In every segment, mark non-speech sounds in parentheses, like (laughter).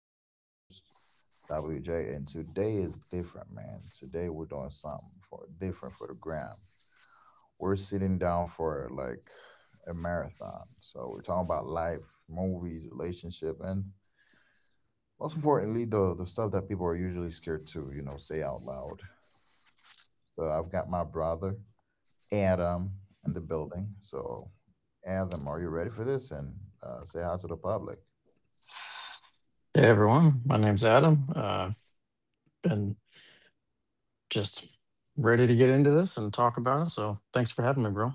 and I'm your host, WJ. And today is different, man. Today we're doing something for different for the gram. We're sitting down for like a marathon. So we're talking about life, movies, relationship, and most importantly, the stuff that people are usually scared to, say out loud. So I've got my brother, Adam, in the building. So Adam, are you ready for this? And say hi to the public. Hey everyone, my name's Adam. I've been just ready to get into this and talk about it, so thanks for having me, bro.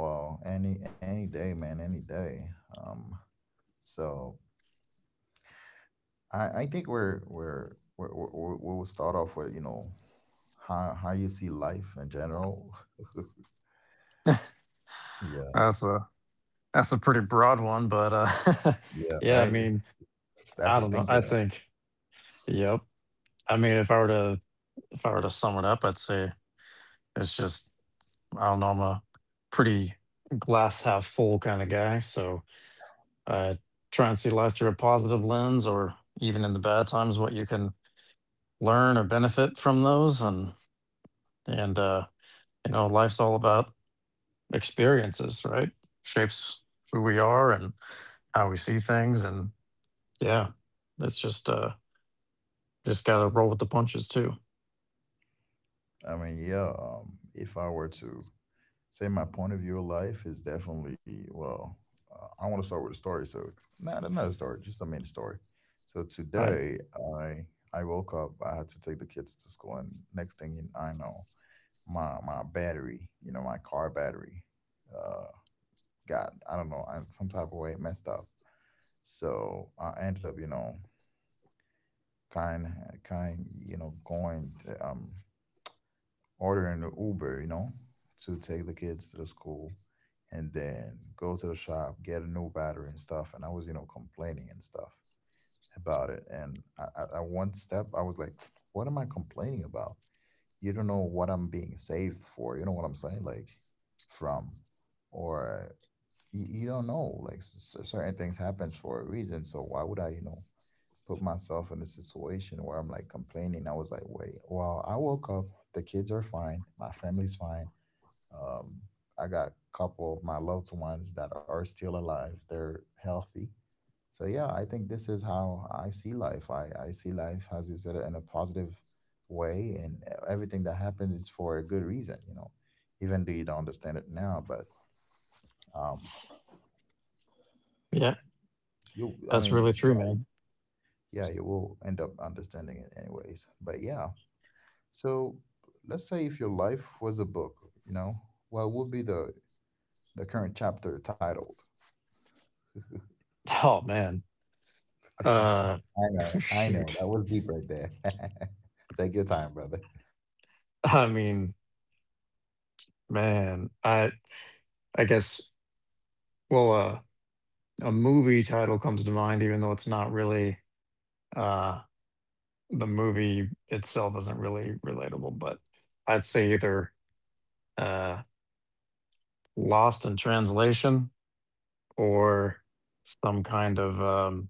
Well, any day, man, any day. Um, so I think we're we'll start off with how you see life in general. (laughs) Yeah, That's a that's a pretty broad one, but yeah, (laughs) yeah, I right. mean, That's I a don't know. thinking I one. think, yep. I mean, if I were to sum it up, I'd say it's just I don't know. I'm a pretty glass half full kind of guy, so I try and see life through a positive lens, or even in the bad times, what you can learn or benefit from those, and and uh, you know life's all about experiences, right? Shapes who we are and how we see things, and yeah, it's just gotta roll with the punches too. I mean, yeah. If I were to say my point of view of life is definitely well, I want to start with a story. So it's not another story, just a mini story. So All right, today I I woke up. I had to take the kids to school, and I know. My battery, my car battery, uh, got I don't know some type of way it messed up. So I ended up, kind kind going to, ordering the Uber, to take the kids to the school, and then go to the shop get a new battery and stuff. And I was complaining and stuff about it. And at one step I was like, (tsk) what am I complaining about? You don't know what I'm being saved for. You know what I'm saying? Like from or you don't know. Like certain things happen for a reason. So why would I, put myself in a situation where I'm like complaining? I was like, wait, well, I woke up. The kids are fine. My family's fine. Um, I got a couple of my loved ones that are still alive. They're healthy. So yeah, I think this is how I see life. I see life as you said in a positive way, and everything that happens is for a good reason. You know, even though you don't understand it now, but um, yeah, you I that's mean, really true, yeah, man. yeah, you will end up understanding it anyways. But yeah, so let's say if your life was a book, you know, what would be the current chapter titled? (laughs) Oh man, uh (laughs) (laughs) I know, shoot, that was deep right there. (laughs) Take your time, brother. I mean, man I guess, well, a movie title comes to mind, even though it's not really uh the movie itself isn't really relatable, but I'd say either uh Lost in Translation or some kind of um,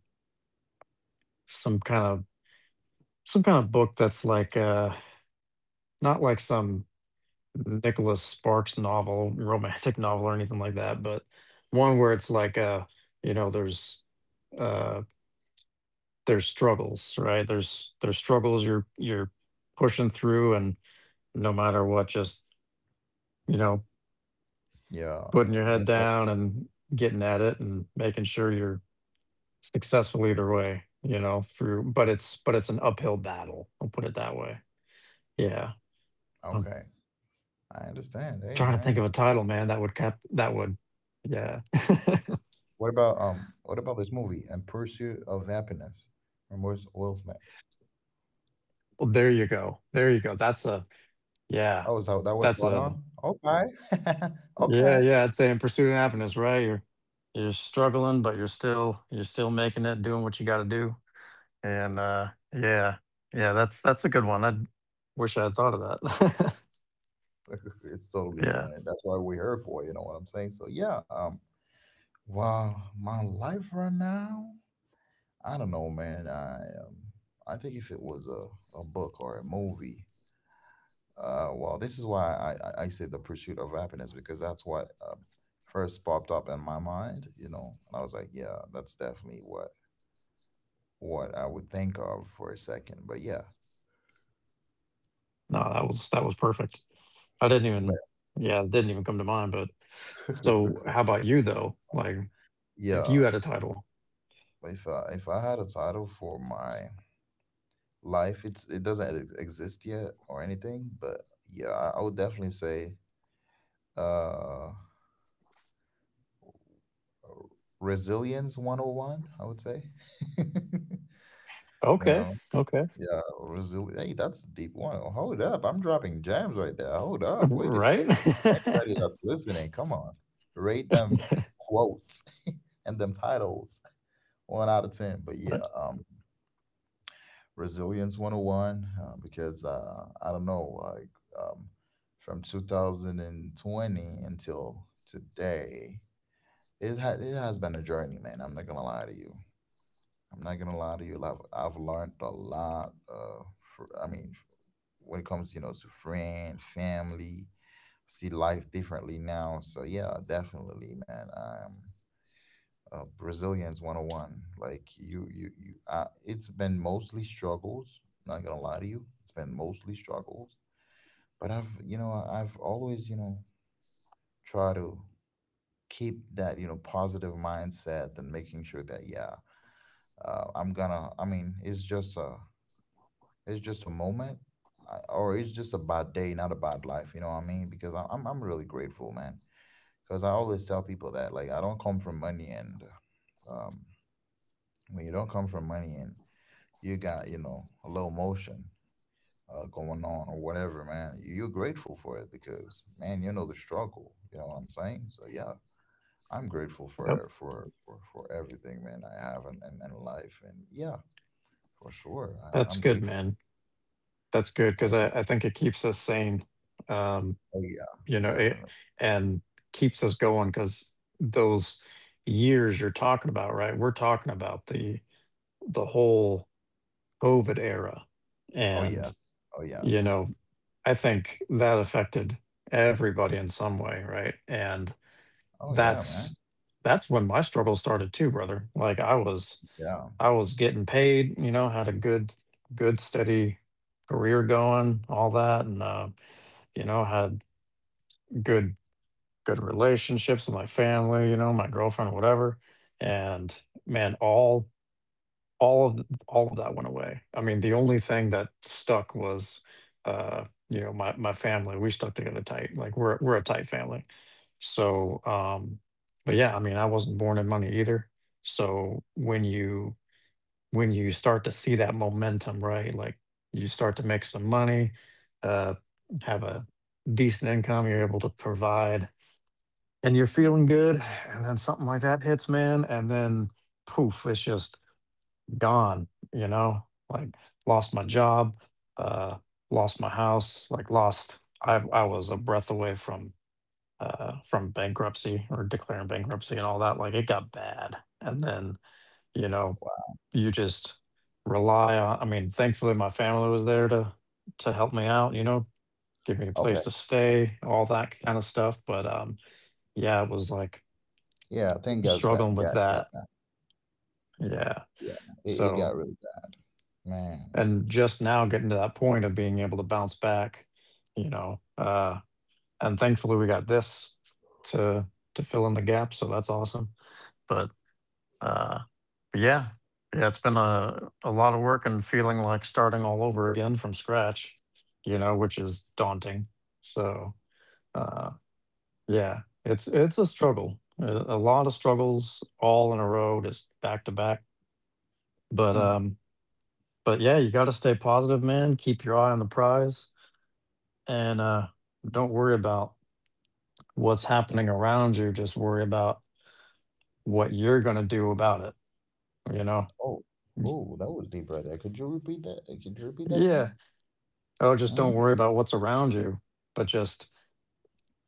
some kind of some kind of book that's like not like some Nicholas Sparks novel, (laughs) romantic novel or anything like that, but one where it's like you know, uh, there's struggles, right? There's struggles you're pushing through, and no matter what, just you know, Yeah, putting your head the, down and getting at it and making sure you're successful either way, you know, through but it's an uphill battle. I'll put it that way. Yeah. I'm trying to okay. think of a title, man, I that would cap understand. Hey, that would man. Yeah. (laughs) What about um? What about this movie, "In Pursuit of Happiness," from Wes Will Smith? Well, there you go. There you go. That's a Yeah. Oh, is that that was That's brought a on? Okay, (laughs) Yeah, okay. yeah, I'd say In Pursuit of Happiness, right? You're struggling, but you're still making it, doing what you gotta do. And yeah. Yeah, that's a good one. I wish I had thought of that. (laughs) It's (laughs) totally Yeah. fine. That's why we're here for. You know what I'm saying? So yeah. Well, my life right now. I don't know, man. Um. I think if it was a book or a movie, well, this is why I say the pursuit of happiness because that's what first popped up in my mind, you know. And I was like, yeah, that's definitely what I would think of for a second. But yeah, No, that was perfect. I didn't but even, yeah, it didn't even come to mind. But (laughs) so, how about you though? Like, if you yeah, had a title, if I had a title for my life, it's it doesn't exist yet or anything. But yeah, I would definitely say uh, resilience 101, I would say. (laughs) you okay, know, okay, Yeah, resil Hey, that's a deep one. Hold up. I'm dropping gems right there. Hold (laughs) up. Wait a right? second. Anybody that's listening, come on. Rate them quotes (laughs) and them titles one out of 10. But yeah, (laughs) Resilience 101, because I don't know, like um, from 2020 until today, it has been a journey, man. I'm not going to lie to you. I'm not gonna lie to you. I've learned a lot. For I mean, when it comes, you know, to friend, family, see life differently now. So yeah, definitely, man. Brazilians 101. Like you. It's been mostly struggles. Not gonna lie to you, it's been mostly struggles. But I've, you know, I've always, you know, try to keep that, you know, positive mindset and making sure that yeah, I'm gonna. I mean, it's just a moment, or it's just a bad day, not a bad life. You know what I mean? Because I'm really grateful, man. Because I always tell people that like I don't come from money, and um, when you don't come from money and you got you know a little motion going on or whatever, man, you're grateful for it because man, you know the struggle. You know what I'm saying? So yeah, I'm grateful yep, for everything, man. I have in life, and yeah, for sure, that's I'm good, grateful. man. That's good I because think, I think it keeps us sane, um, oh yeah, you know, it definitely. and keeps us going because those years you're talking about, right? We're talking about the whole COVID era, Oh and yes. Oh you yes. know, I think that affected everybody in some way, right? And Oh yeah, man. That's that's when my struggle started too, brother. Like, Yeah. I was getting paid, you know, had a good steady career going, all that, and you know, had good good relationships with my family, you know, my girlfriend whatever. And man, all of that went away. I mean, the only thing that stuck was, you know, my family. We stuck together tight. Like we're a tight family. So, but yeah, I mean, I wasn't born in money either. So when you start to see that momentum, right? Like you start to make some money, uh, have a decent income, you're able to provide, and you're feeling good, and then something like that hits, man, and then poof, it's just gone, you know, like lost my job, uh, lost my house, like lost. I was a breath away from bankruptcy or declaring bankruptcy and all that. Like it got bad, and then you know, Wow. you just rely on. I mean, thankfully my family was there to help me out. You know, give me a place Okay. to stay, all that kind of stuff. But yeah, it was like Yeah. Thing got bad. struggling with Got that. bad. Yeah, Yeah. It so. got really bad, man. And just now getting to that point of being able to bounce back, you know. And thankfully, we got this to to fill in the gap, so that's awesome. But uh, yeah, yeah, it's been a lot of work and feeling like starting all over again from scratch, you know, which is daunting. So uh, yeah, it's a struggle, a lot of struggles all in a row, just back to back. But Hmm. Yeah, you got to stay positive, man. Keep your eye on the prize, and don't worry about what's happening around you. Just worry about what you're going to do about it. You know? Oh. Oh, that was deep right there. Could you repeat that? Could you repeat that Yeah. again? Oh, just don't Mm-hmm. worry about what's around you, but just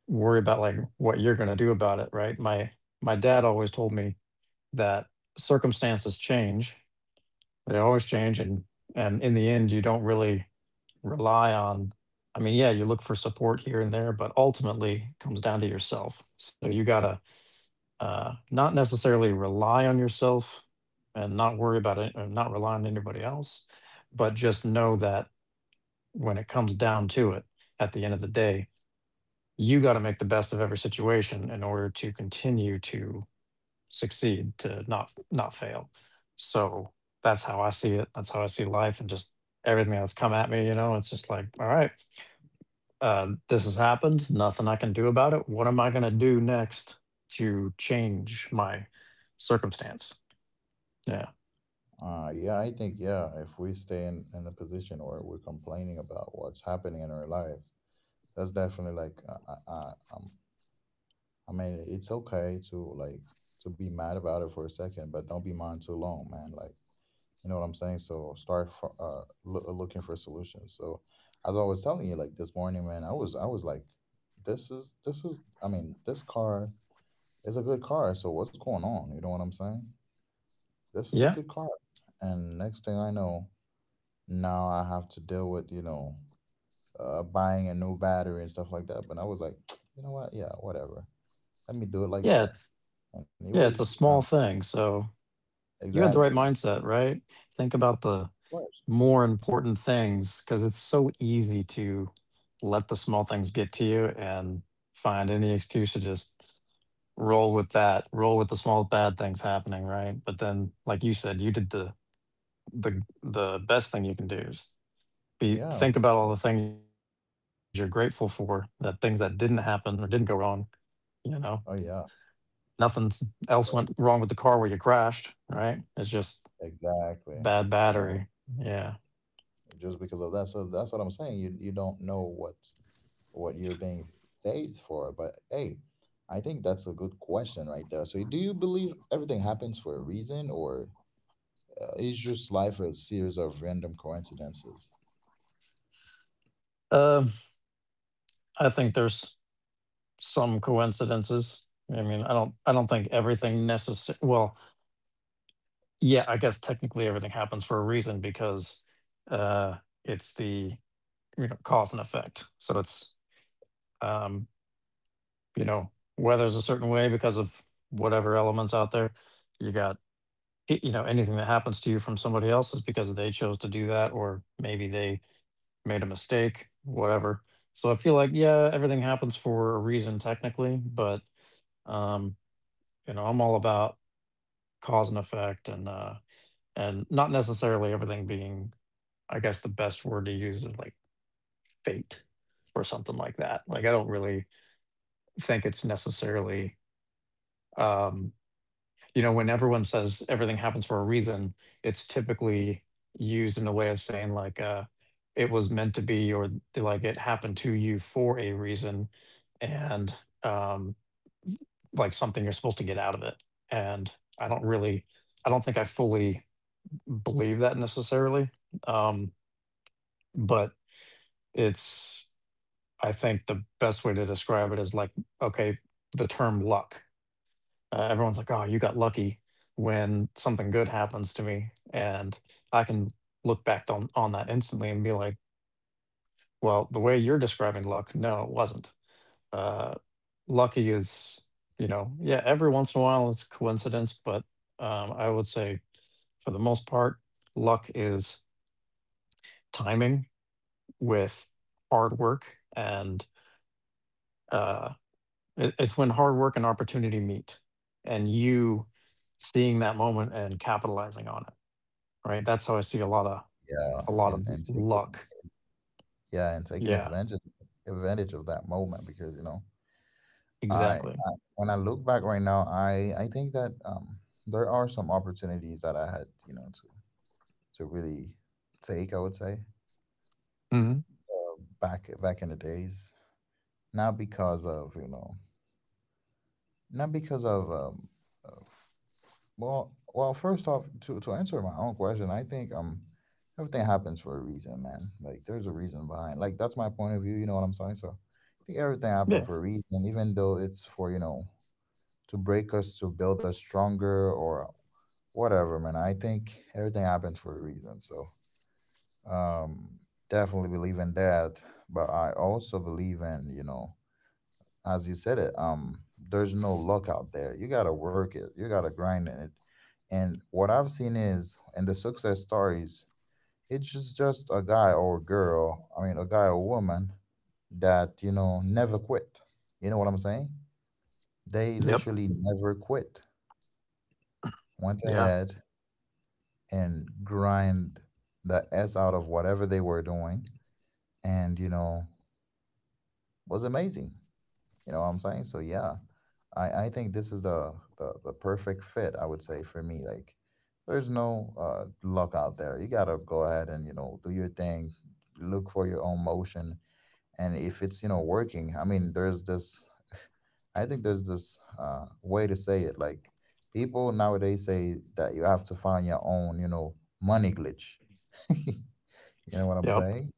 worry about like what you're going to do about it. Right. My dad always told me that circumstances change. They always change, and in the end, you don't really rely on. I mean, yeah, you look for support here and there, but ultimately it comes down to yourself. So you gotta not necessarily rely on yourself and not worry about it, or not rely on anybody else, but just know that when it comes down to it, at the end of the day, you got to make the best of every situation in order to continue to succeed, to not fail. So that's how I see it. That's how I see life, and just everything that's come at me. You know, it's just like, all right, this has happened. Nothing I can do about it. What am I going to do next to change my circumstance? Yeah. Yeah, I think yeah. If we stay in the position where we're complaining about what's happening in our lives, that's definitely like I, I, um, I mean, it's okay to like to be mad about it for a second, but don't be mad too long, man. Like you know what I'm saying? So start for, looking for solutions. So as I was telling you, like this morning, man, I was like, this is this is. I mean, this car is a good car. So what's going on? You know what I'm saying? This is a Yeah. good car. And next thing I know, now I have to deal with you know buying a new battery and stuff like that. But I was like, (tsk) you know what? Yeah, whatever. Let me do it like Yeah. that. And it Yeah. was It's a small thing. So you had the exactly. right Of mindset, right? Think about the course. more important things because it's so easy to let the small things get to you and find any excuse to just roll with the small bad things happening, right? But then like you said, you did the the best thing you can do is be Yeah. think For about all sure. the things you're grateful for, the things that didn't happen or didn't go wrong, you know. Oh yeah. Nothing else went So wrong with the car where you crashed, right? It's just Exactly. bad You battery. know, Yeah. just because of that. So that's what I'm saying. You don't know what you're being saved for. But hey, I think that's a good question right there. So do you believe everything happens for a reason, or is just life a series of random coincidences? Um, I think there's some coincidences. I mean, I don't think everything necessary well, yeah, I guess technically everything happens for a reason because uh it's the you know cause and effect. So it's um you know, weather's a certain way because of whatever elements out there. You got, you know, anything that happens to you from somebody else is because they chose to do that, or maybe they made a mistake, whatever. So I feel like, yeah, everything happens for a reason technically, but, um, you know, I'm all about cause and effect, and not necessarily everything being, I guess the best word to use is like fate or something like that. Like, I don't really think it's necessarily, um you know, when everyone says everything happens for a reason, it's typically used in a way of saying like it was meant to be, or like it happened to you for a reason and um like something you're supposed to get out of it. And I don't really I don't think I fully believe that necessarily. Um but it's I think the best way to describe it is like okay, the term luck. Everyone's like, "Oh, you got lucky when something good happens to me," and I can look back on that instantly and be like, "Well, the way you're describing luck, no, it wasn't. Uh, lucky is, you know, yeah, every once in a while it's coincidence, but I would say for the most part, luck is timing with hard work, and uh, it's when hard work and opportunity meet, and you seeing that moment and capitalizing on it." Right? That's how I see a lot of Yeah, and and taking luck. yeah, and taking Yeah, advantage of that moment because you know exactly. I when I look back right now, I think that there are some opportunities that I had you know to really take. I would say Mhm. Back in the days, not because of you know not because of well, well, first off, to answer my own question, I think everything happens for a reason, man. Like there's a reason behind. Like that's my point of view. You know what I'm saying? So I think everything happened Yeah. for a reason, even though it's for you know to break us, to build us stronger, or whatever, man. I think everything happens for a reason. So um definitely believe in that, but I also believe in you know as you said it, there's no luck out there. You gotta work it. You gotta grind in it. And what I've seen is in the success stories, it's just a guy or a girl. I mean, a guy or woman that you know never quit. You know what I'm saying? They Yep. literally never quit. Went Yeah. ahead and grind the s out of whatever they were doing, and you know was amazing. You know what I'm saying? So yeah, I think this is the the perfect fit. I would say for me, like there's no luck out there. You gotta go ahead and you know do your thing, look for your own motion, and if it's you know working, I mean, there's this. I think there's this way to say it. Like people nowadays say that you have to find your own, you know, money glitch. (laughs) you know what I'm Yep. saying?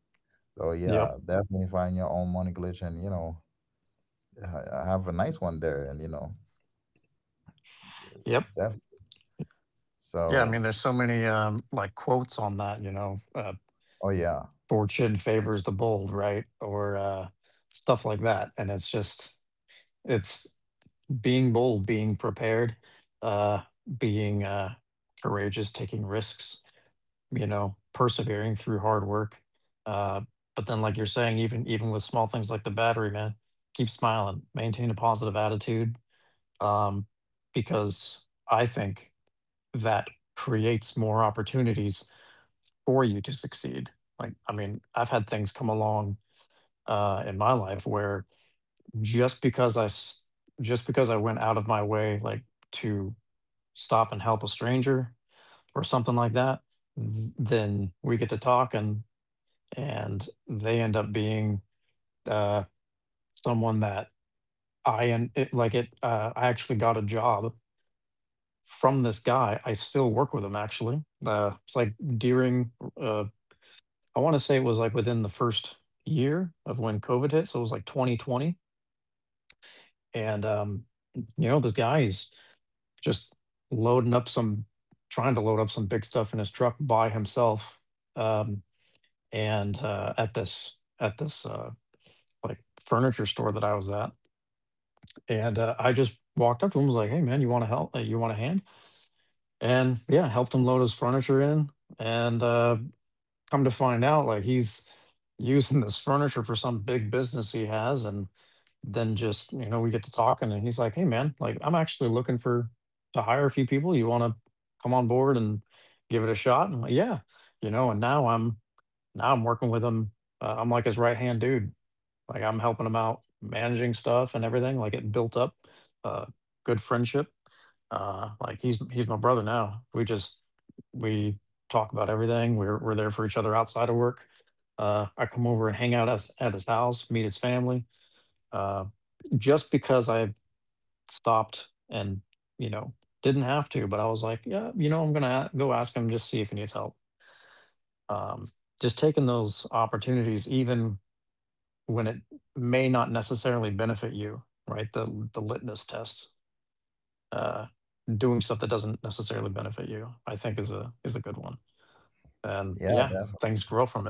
So Yep. yeah, definitely find your own money glitch, and you know, have a nice one there, and you know, Yep. definitely. Yeah, I So, mean, there's so many, like, quotes on that, you know, oh yeah, "Fortune favors the bold," right? Or, stuff like that, and it's just it's being bold, being prepared, uh, being, courageous, taking risks, you know, persevering through hard work. Uh, but then, like you're saying, even with small things like the battery, man, keep smiling, maintain a positive attitude, um, because I think that creates more opportunities for you to succeed. Like, I mean, I've had things come along in my life where just because I s- just because I went out of my way, like to stop and help a stranger or something like that, then we get to talk and. And they end up being uh, someone that I and it, like it. I actually got a job from this guy. I still work with him actually. It's like during uh, I want to say it was like within the first year of when COVID hit, so it was like 2020. And you know, this guy is just loading up some, trying to load up some big stuff in his truck by himself. Um, and at this like furniture store that I was at. And I just walked up to him, was like, "Hey, man, you want to help? You want a hand?" And yeah, helped him load his furniture in. And come to find out, like he's using this furniture for some big business he has. And then just we get to talking, and he's like, "Hey, man, like I'm actually looking for to hire a few people. You want to come on board and give it a shot?" And I'm like, "Yeah." And now I'm working with him. I'm like his right hand dude. Like I'm helping them out managing stuff and everything. Like it built up uh, good friendship. Like he's my brother now. We talk about everything. We're there for each other outside of work. I come over and hang out at his house, meet his family. Uh, just because I stopped and, you know didn't have to, but I was like, yeah, I'm gonna go ask him, just see if he needs help. Um, just taking those opportunities, even when it may not necessarily benefit you, right? The litmus test, uh, doing stuff that doesn't necessarily benefit you, I think is a good one. And yeah, yeah, things definitely. grow from it.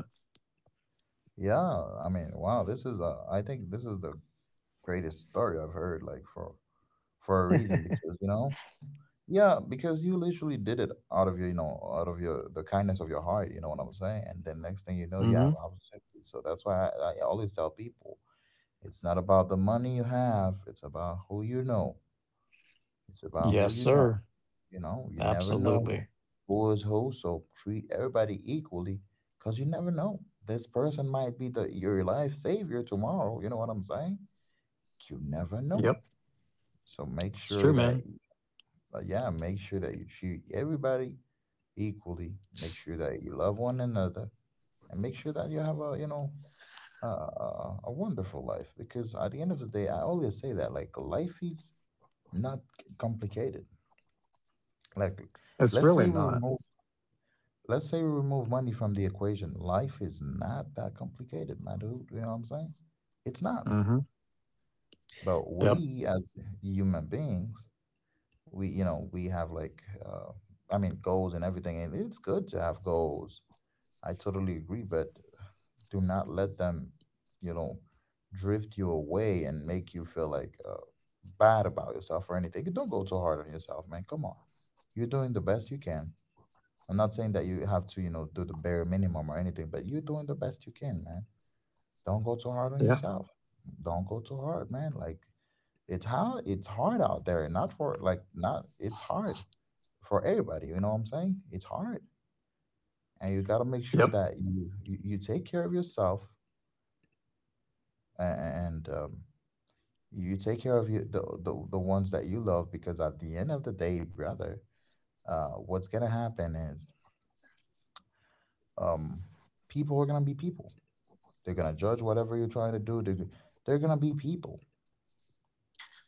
Yeah, I mean, wow, I think this is the greatest story I've heard, like for a reason, because you know, yeah, because you literally did it out of your, you know, out of your the kindness of your heart. You know what I'm saying? And then next thing you know, you Hmm. have opportunities. So that's why I always tell people, it's not about the money you have; it's about who you know. It's about Yes, who you know. sir. You know, you never Absolutely. know who is who, so treat everybody equally because you never know. This person might be the your life savior tomorrow. You know what I'm saying? You never know. Yep. So make It's true, sure man. that yeah, make sure that you treat everybody equally. Make sure that you love one another, and make sure that you have a you know a wonderful life. Because at the end of the day, I always say that like life is not complicated. Like It's let's say really we not. remove let's say we remove money from the equation. Life is not that complicated, my dude. You know what I'm saying? It's not. Hmm. But Yep. we as human beings, we you know we have like, I mean, goals and everything, and it's good to have goals. I totally agree, but do not let them, you know, drift you away and make you feel like bad about yourself or anything. Don't go too hard on yourself, man. Come on, you're doing the best you can. I'm not saying that you have to, do the bare minimum or anything, but you're doing the best you can, man. Don't go too hard on Yeah. yourself. Don't go too hard, man. Like it's hard out there. Not for, like, not, it's hard for everybody. You know what I'm saying? It's hard, and you got to make Yep. sure that you take care of yourself and you take care of you the ones that you love because at the end of the day, brother, what's gonna happen is, um, people are gonna be people. They're gonna judge whatever you're trying to do. They're gonna be people,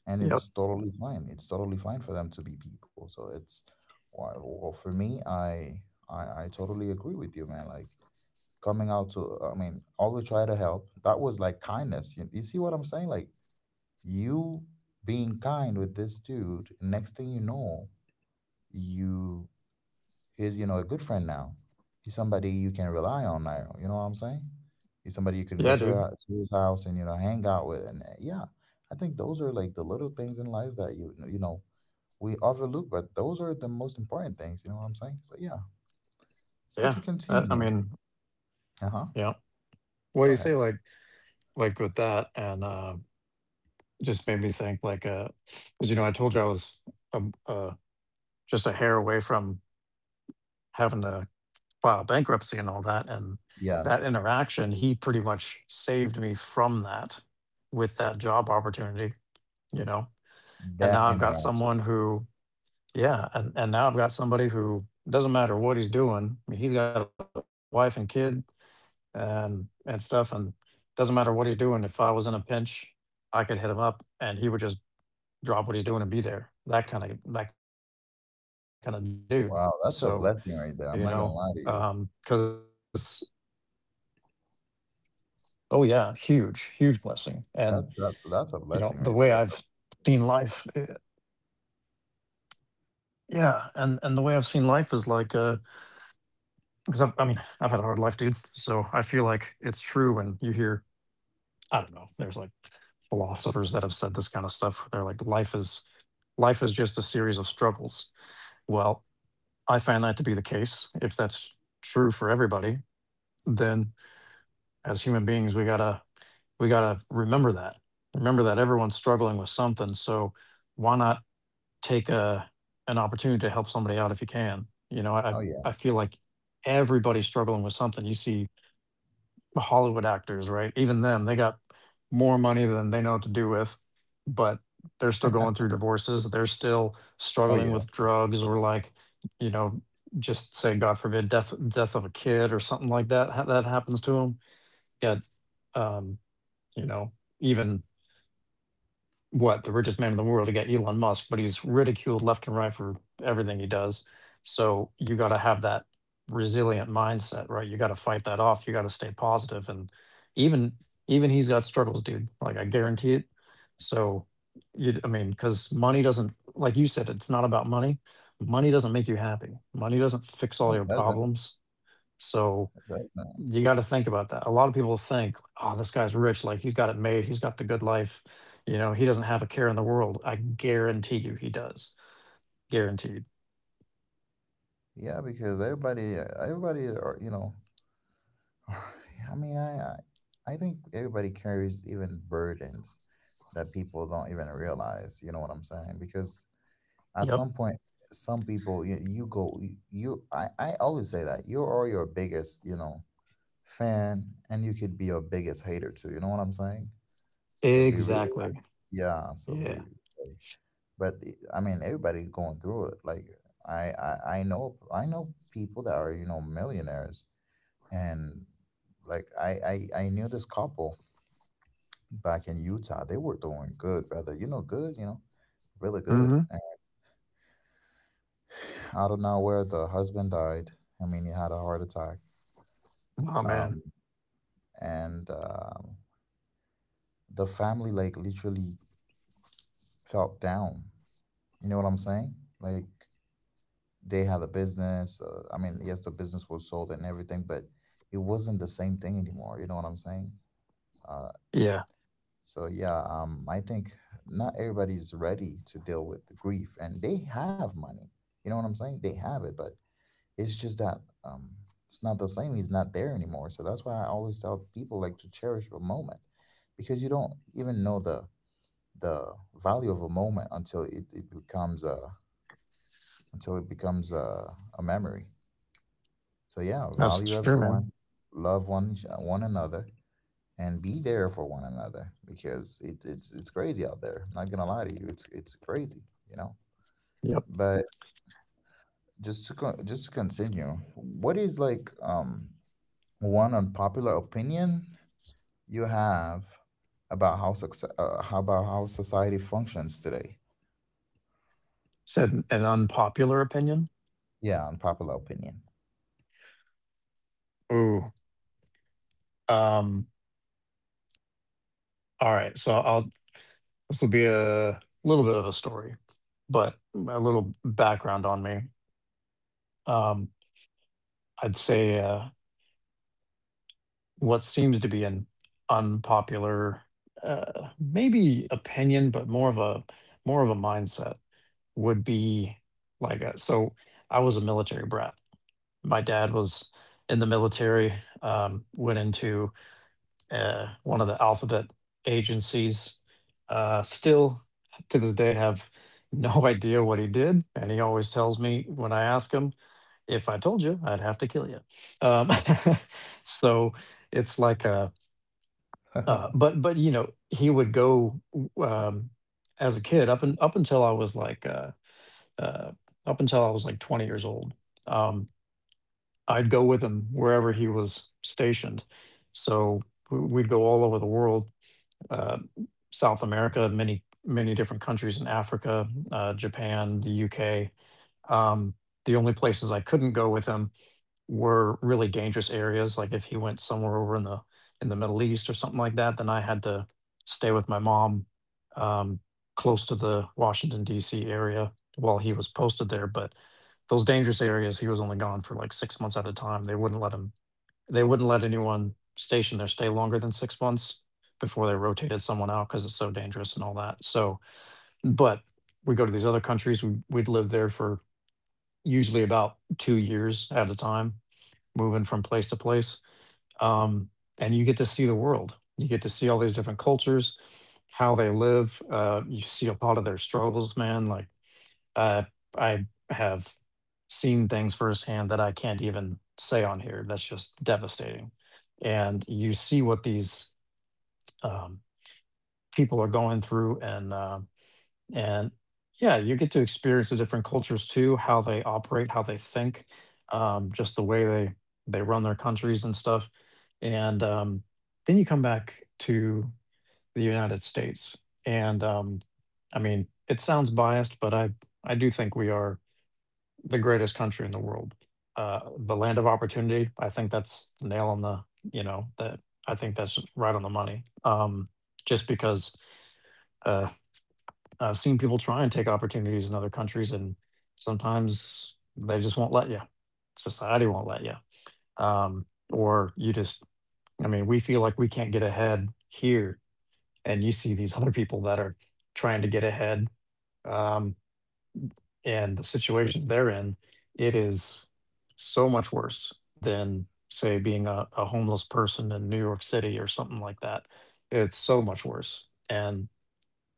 and Yep. it's totally fine. It's totally fine for them to be people. So it's why. Well, for me, I totally agree with you, man. Like coming out to, I mean, always try to help. That was like kindness. You see what I'm saying? Like you being kind with this dude. Next thing you know, you He's, a good friend now. He's somebody you can rely on now. You know what I'm saying? He's somebody you can Yeah, go to, dude. her, to his house and, hang out with. And yeah, I think those are like the little things in life that we overlook, but those are the most important things. You know what I'm saying? So yeah. So Yeah. to I, I continue. mean, Uh huh. yeah. Well, you Go say ahead. Like with that, and just made me think like, 'cause, you know, I told you I was um uh, just a hair away from having to file bankruptcy and all that. And that Yes, interaction, he pretty much saved me from that with that job opportunity, you know. And now that I've got interaction. someone who, yeah, and now I've got somebody who doesn't matter what he's doing. I mean, he's got a wife and kid and stuff, and doesn't matter what he's doing. If I was in a pinch, I could hit him up and he would just drop what he's doing and be there. That kind of dude. So, you know, Wow, that's a blessing right because there. I'm not gonna lie to you. Oh yeah, huge, huge blessing. And you know, the way I've That, that seen that's a life, blessing eh, right there, brother. yeah, and the way I've seen life is like, because I mean, I've had a hard life, dude. So I feel like it's true when you hear, I don't know, there's like philosophers that have said this kind of stuff. They're like, life is just a series of struggles. Well, I find that to be the case. If that's true for everybody, then as human beings, we got to remember that everyone's struggling with something. So why not take a an opportunity to help somebody out if you can, you know. i Oh i yeah. feel like everybody's struggling with something. You see the Hollywood actors, right? Even them, they got more money than they know what to do with, but they're still going through divorces, they're still Oh struggling with yeah. drugs, or like, you know, just say, god forbid, death of a kid or something like that that happens to them. Got um you know, even, what, the richest man in the world. You got Elon Musk, but he's ridiculed left and right for everything he does. So you got to have that resilient mindset, right? You got to fight that off. You got to stay positive, and even, even he's got struggles, dude. Like I guarantee it. So you, I mean, because money doesn't, like you said, it's not about money. Money doesn't make you happy. Money doesn't fix No, all it your doesn't. problems. So It doesn't. you got to think about that. A lot of people think, oh, this guy's rich, like he's got it made. He's got the good life. You know, he doesn't have a care in the world. I guarantee you he does. Guaranteed. Yeah, because everybody, are, (laughs) I mean, I think everybody carries even burdens that people don't even realize. You know what I'm saying? Because at Yep. some point, some people you, you go you, you I always say that you are your biggest fan, and you could be your biggest hater too. You know what I'm saying? So be really, Exactly. yeah. So Yeah. be, like, but I mean, everybody going through it. Like I know people that are millionaires, and like I knew this couple back in Utah. They were doing good, brother. You know, good. You know, really Mm-hmm. good. And out of nowhere, the husband died. I mean, he had a heart attack. Oh, man. Um, and the family like literally felt down. You know what I'm saying? Like they had a business. I mean, yes, the business was sold and everything, but it wasn't the same thing anymore. You know what I'm saying? Uh, Yeah. So yeah, I think not everybody's ready to deal with the grief, and they have money. You know what I'm saying? They have it, but it's just that um, it's not the same. He's not there anymore. So that's why I always tell people like to cherish a moment, because you don't even know the value of a moment until it becomes until it becomes a, a memory. So yeah, That's true, value man. everyone, love one another, and be there for one another because it's crazy out there. I'm not gonna lie to you, it's crazy, you know. Yep. But just to continue, what is like one unpopular opinion you have about how success, how about how society functions today? Said an unpopular opinion. Yeah, unpopular opinion. Ooh. Um, all right. This will be a little bit of a story, but a little background on me. Um, I'd say, what seems to be an unpopular maybe opinion, but more of a mindset, would be like so I was a military brat. My dad was in the military. Went into one of the alphabet agencies. Still to this day have no (laughs) idea what he did, and he always tells me when I ask him, "If I told you, I'd have to kill you." um, (laughs) so it's like a (laughs) but you know, he would go as a kid up and uh, up until I was like 20 years old. Um, I'd go with him wherever he was stationed. So we'd go all over the world, uh, South America, many many different countries in Africa, Japan, the UK. Um, the only places I couldn't go with him were really dangerous areas. Like if he went somewhere over in the Middle East or something like that, then I had to stay with my mom, um, close to the Washington D.C. area while he was posted there. But those dangerous areas, he was only gone for like 6 months at a time. They wouldn't let him. They wouldn't let anyone stationed there stay longer than 6 months before they rotated someone out because it's so dangerous and all that. So, but we go to these other countries. We'd live there for usually about 2 years at a time, moving from place to place. Um, and you get to see the world. You get to see all these different cultures, how they live. You see a lot of their struggles, man. Like uh, I have seen things firsthand that I can't even say on here. That's just devastating. And you see what these, um, people are going through, and and yeah, you get to experience the different cultures too, how they operate, how they think, just the way they run their countries and stuff. And then you come back to the United States. And I mean, it sounds biased, but I do think we are the greatest country in the world. The land of opportunity. I think that's the nail on the, you know, that, I think that's right on the money. Just because, Uh, I've seen people try and take opportunities in other countries, and sometimes they just won't let you. Society won't let you. Um, or you just, I mean, we feel like we can't get ahead here. And you see these (laughs) other people that are trying to get ahead. Um, and the situations they're in, it is so much worse than, say, being a homeless person in New York City or something like that. It's so much worse. And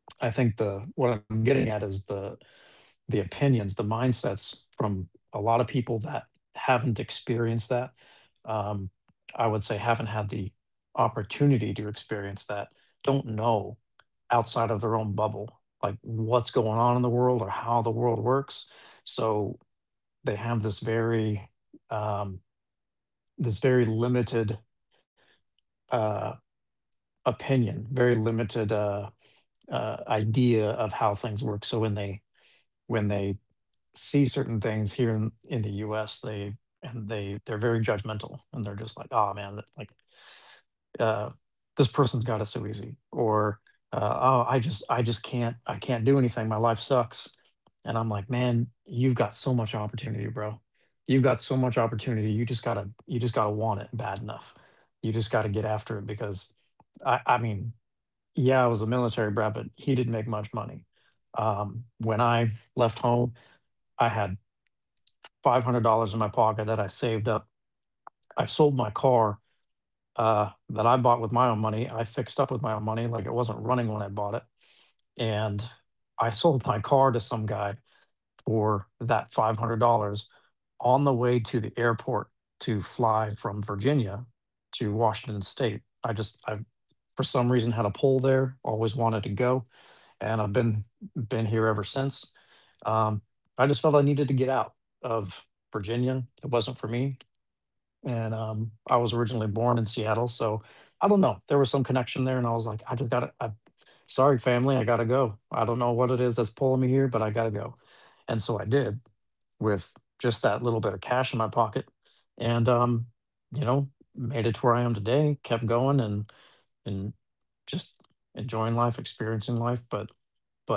I think the, what I'm getting at is the opinions, the mindsets from a lot of people that haven't experienced that. Um, I would say haven't had the opportunity to experience that, don't know outside of their own bubble, like what's going on in the world or how the world works. So they have um, this very limited, uh, opinion, very limited idea of how things work. So when they see certain things here in the US, they, and they're very judgmental, and they're just like, oh, man, that, like, uh, this person's got it so easy, or oh, I just can't, I can't do anything, my life sucks. And I'm like, man, you've got so much opportunity, bro. You've got so much opportunity, you just gotta, you just gotta want it bad enough. You just gotta get after it, because I mean, yeah, I was a military brat, but he didn't make much money. When I left home, I had $500 in my pocket that I saved up. I sold my car, that I bought with my own money, I fixed up with my own money, like it wasn't running when I bought it. And I sold my car to some guy for that $500 on the way to the airport to fly from Virginia to Washington State. I just, I, for some reason had a pull there, always wanted to go, and I've been here ever since. um, I just felt I needed to get out of Virginia. It wasn't for me. And I was originally born in Seattle, so I don't know. There was some connection there, and I was like, I just gotta. I, sorry, family, I gotta go. I don't know what it is that's pulling me here, but I gotta go. And so I did with just that little bit of cash in my pocket, and you know, made it to where I am today. Kept going and just enjoying life, experiencing life, but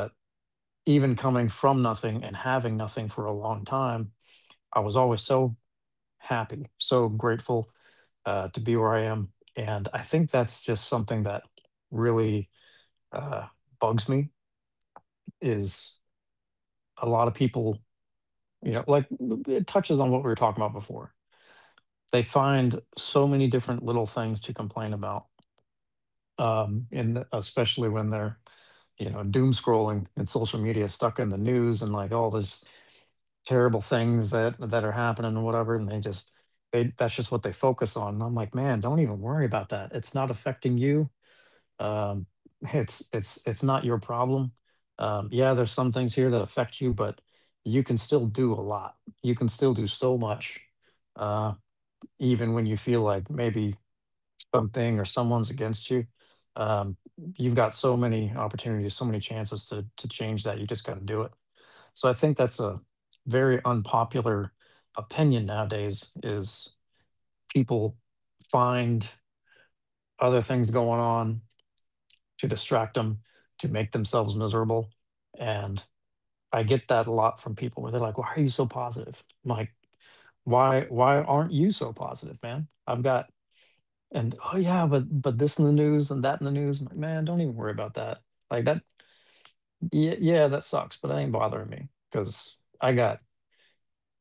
even coming from nothing and having nothing for a long time, I was always so happy, so grateful to be where I am. And I think that's just something that really uh, bugs me is a lot of people, like it touches on what we were talking about before. They find so many different little things to complain about. And especially when they're, you know, doom scrolling and social media, stuck in the news, and like all this terrible things that are happening and whatever, and they just they that's just what they focus on. And I'm like, man, don't even worry about that. It's not affecting you. um (laughs) it's not your problem. Yeah, there's some things here that affect you, but you can still do a lot. You can still do so much. uh Even when you feel like maybe something or someone's against you, um you've got so many opportunities, so many chances to change, that you just got to do it. So I think that's a very unpopular opinion nowadays is people find other things going on to distract them, to make themselves miserable. And I get that a lot from people where they're like, why are you so positive? I'm like, why aren't you so positive, man? I've got and oh yeah, but this in the news and that in the news. I'm like, man, don't even worry about that. Like that yeah, yeah, that sucks, but it ain't bothering me because I got,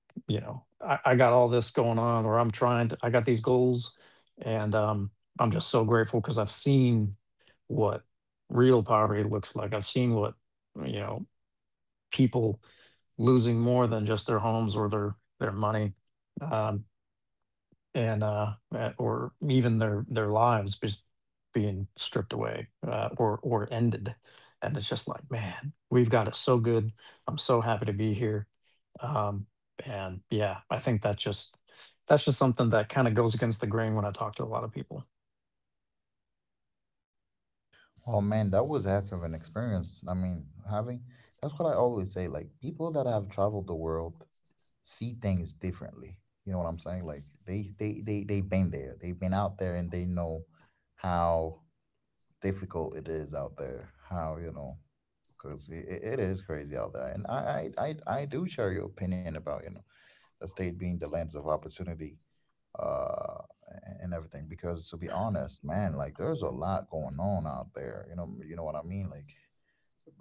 you know, I got all this going on, or I'm trying to, I got these goals, and I'm just so grateful because I've seen what real poverty looks like. I've seen what, you know, people losing more than just their homes or their money, um, or even their lives just being stripped away, or ended. And it's just like, man, we've got it so good. I'm so happy to be here. um, and yeah, I think that just that's just something that kind of goes against the grain when I talk to a lot of people. Oh man, that was a heck of an experience. I mean, having that's what I always say. Like people that have traveled the world see things differently. You know what I'm saying? Like they they've been there. They've been out there and they know how difficult it is out there. How you know because it is crazy out there. And I do share your opinion about you know the state being the lands of opportunity uh and everything because to be honest, man, like there's a lot going on out there. You know, you know what I mean? Like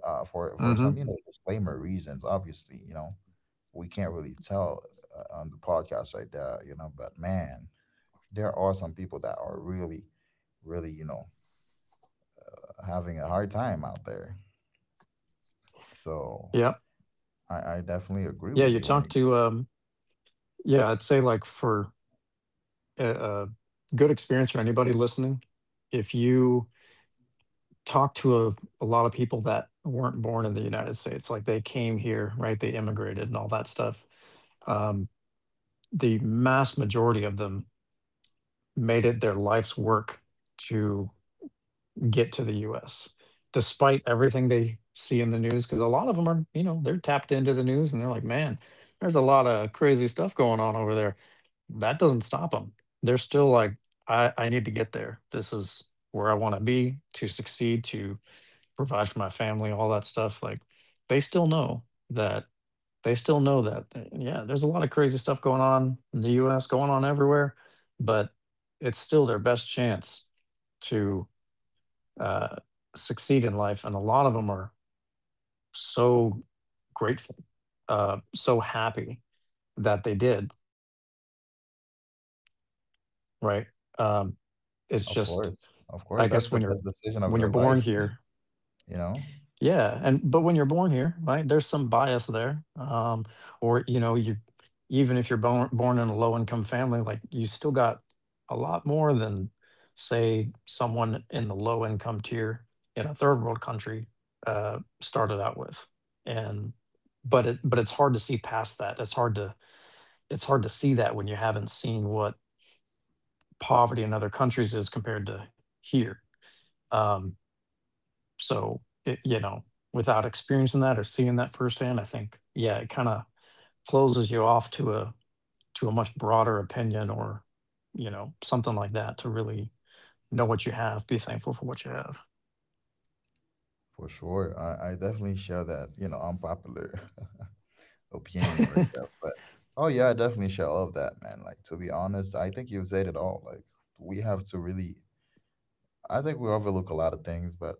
Mm-hmm. for some you know disclaimer reasons, obviously, you know, we can't really tell on the podcast right there, you know, but man, there are some people that are really really you know having a hard time out there, Yeah, so I yeah. You definitely talk agree with to you. When you... yeah, I'd say like for a good experience for anybody listening, if you talk to a lot of people that weren't born in the United States, like they came here, right? They immigrated and all that stuff. Um, the mass majority of them made it their life's work to get to the US, despite everything they see in the news. Because a lot of them are, you know, they're tapped into the news and they're like, man, there's a lot of crazy stuff going on over there. That doesn't stop them. They're still like, I need to get there. This is where I want to be to succeed, to provide for my family, all that stuff. Like, they still know that. They still know that. And yeah, there's a lot of crazy stuff going on in the US, going on everywhere, but it's still their best chance to uh, succeed in life, and a lot of them are so grateful, so happy that they did. Right? Um, it's just, I guess, Of when you're course. Of course. when That's you're the best born decision of here. their life. (laughs) You know? Yeah, and but when you're born here, right, there's some bias there. Or, you know, you even if you're born in a low income family, like you still got a lot more than say someone in the low income tier in a third world country started out with. And but it's hard to see past that. It's hard to see that when you haven't seen what poverty in other countries is compared to here. Um so, it, you know, without experiencing that or seeing that firsthand, I think, yeah, it kind of closes you off to a much broader opinion or, you know, something like that to really know what you have, be thankful for what you have. For sure. I definitely share that, you know, unpopular (laughs) opinion right there. But oh yeah, I definitely share all of that, man. Like to be honest, I think you've said it all. Like we have to really I think we overlook a lot of things, but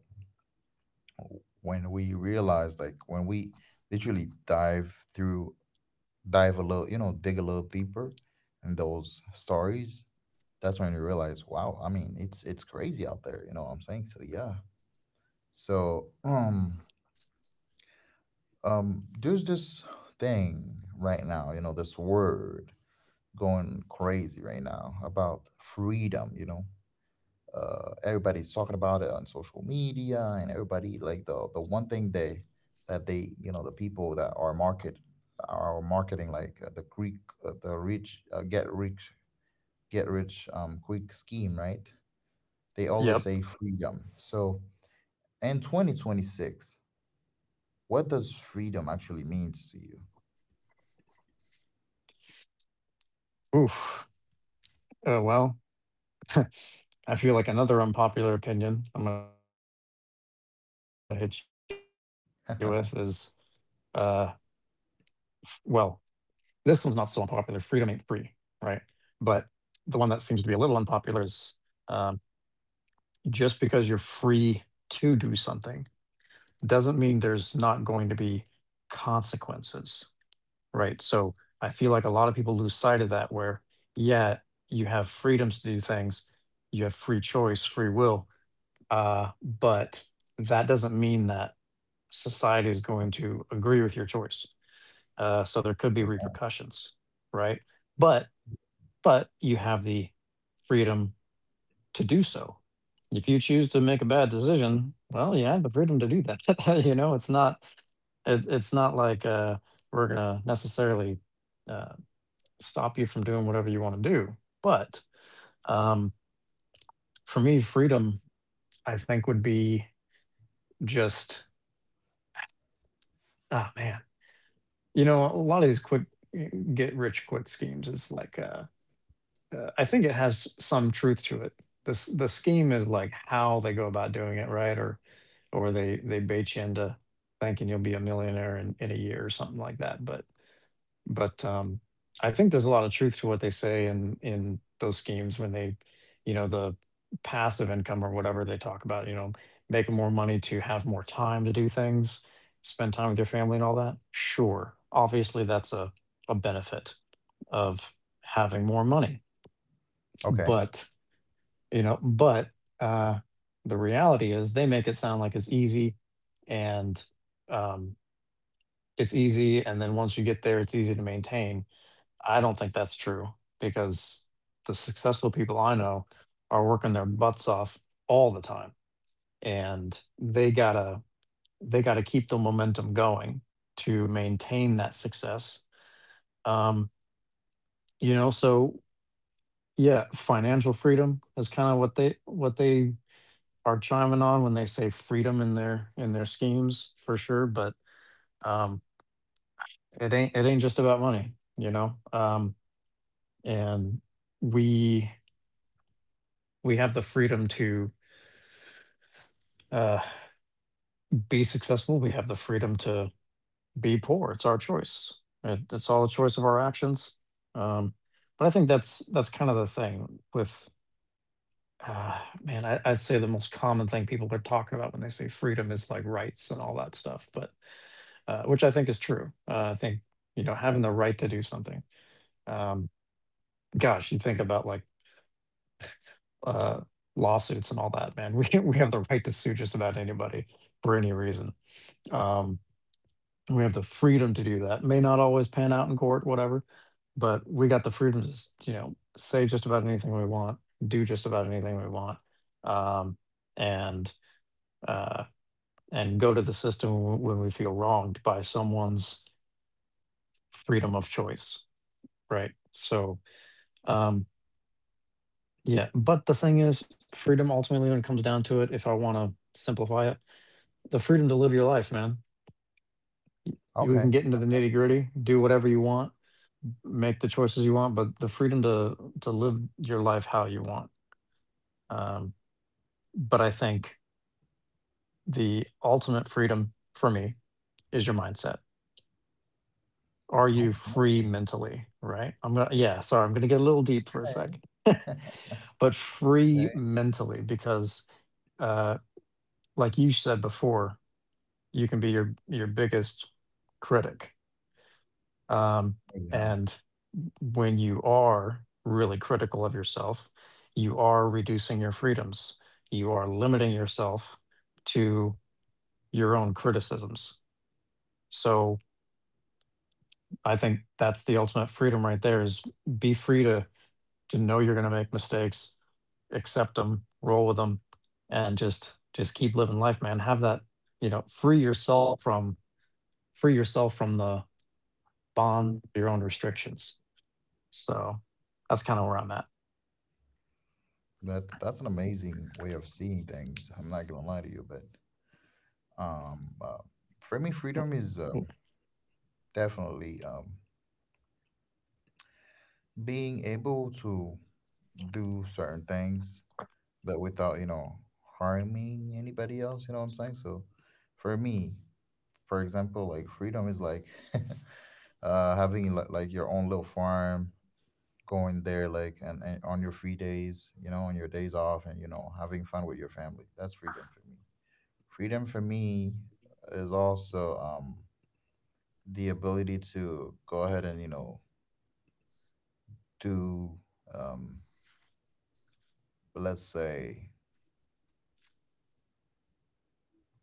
when we realize like when we literally dive a little, you know, dig a little deeper in those stories, that's when we realize, wow, I mean, it's crazy out there. You know what I'm saying? So yeah. So there's this thing right now, you know, this word going crazy right now about freedom. You know, everybody's talking about it on social media and everybody, like, the one thing they that they you know the people that are marketing like, the rich get rich quick scheme, right? They Yep. always say freedom. So in 2026, what does freedom actually means to you? Oof. Uh, well, I feel like another unpopular opinion I'm going to hit you with is, uh, well, (laughs) this one's not so unpopular. Freedom ain't free, right? But the one that seems to be a little unpopular is um. just because you're free to do something doesn't mean there's not going to be consequences, right? So I feel like a lot of people lose sight of that where, yeah, you have freedoms to do things, you have free choice, free will, but that doesn't mean that society is going to agree with your choice. So there could be repercussions, right? But but you have the freedom to do so. If you choose to make a bad decision, well, you have the freedom to do that. (laughs) You know, it's not like, we're gonna necessarily uh, stop you from doing whatever you want to do. But um, for me, freedom, I think, would be just, ah man, you know, a lot of these get rich quick schemes is like, I think it has some truth to it. The scheme is like how they go about doing it, right? Or or they bait you into thinking you'll be a millionaire in a year or something like that. But I think there's a lot of truth to what they say in those schemes when they, you know, the passive income or whatever they talk about. You know, making more money to have more time to do things, spend time with your family and all that. Sure, obviously that's a benefit of having more money. Okay, But you know but uh the reality is they make it sound like it's easy, and um it's easy, and then once you get there, it's easy to maintain. I don't think that's true, because the successful people I know are working their butts off all the time, and they gotta keep the momentum going to maintain that success. um so yeah, financial freedom is kind of what they are chiming on when they say freedom in their schemes for sure. But um it ain't, it ain't just about money, you know. And we have the freedom to uh be successful, we have the freedom to be poor. It's our choice. It's all a choice of our actions. Um but I think that's kind of the thing with, man, I'd say the most common thing people are talking about when they say freedom is like rights and all that stuff. But Which I think is true. I think, you know, having the right to do something. Um, gosh, you think about like, uh, lawsuits and all that, man. (laughs) We have the right to sue just about anybody for any reason. Um, we have the freedom to do that. May not always pan out in court, whatever, but we got the freedom to you know, say just about anything we want, do just about anything we want, um, and uh, and go to the system when we feel wronged by someone's freedom of choice, right? So Um, yeah, but the thing is, freedom ultimately, when it comes down to it, if I want to simplify it, the freedom to live your life, man. Y- You, we can get into okay, the okay. nitty gritty, do whatever you want, make the choices you want, but the freedom to live your life how you want. Um, but I think the ultimate freedom for me is your mindset. Are you free (laughs) mentally? Right. I'm gonna get a little deep for a sec, but free Okay, mentally because, uh, like you said before, you can be your biggest critic. Um, and yeah, when you are really critical of yourself, you are reducing your freedoms. You are limiting yourself to your own criticisms. So I think that's the ultimate freedom right there is be free to know you're going to make mistakes, accept them, roll with them, and just keep living life, man. Have that, you know, free yourself from the bond, your own restrictions. So that's kind of where I'm at. that's an amazing way of seeing things, I'm not gonna lie to you, but Um, uh, for me, Mm. freedom is, Mm. Definitely, being able to do certain things, but without, harming anybody else. You know what I'm saying? So for me, for example, like freedom is like, (laughs) having like your own little farm, going there like, and, on your free days, you know, on your days off, and having fun with your family. That's freedom for me. Freedom for me is also, the ability to go ahead and to, um, let's say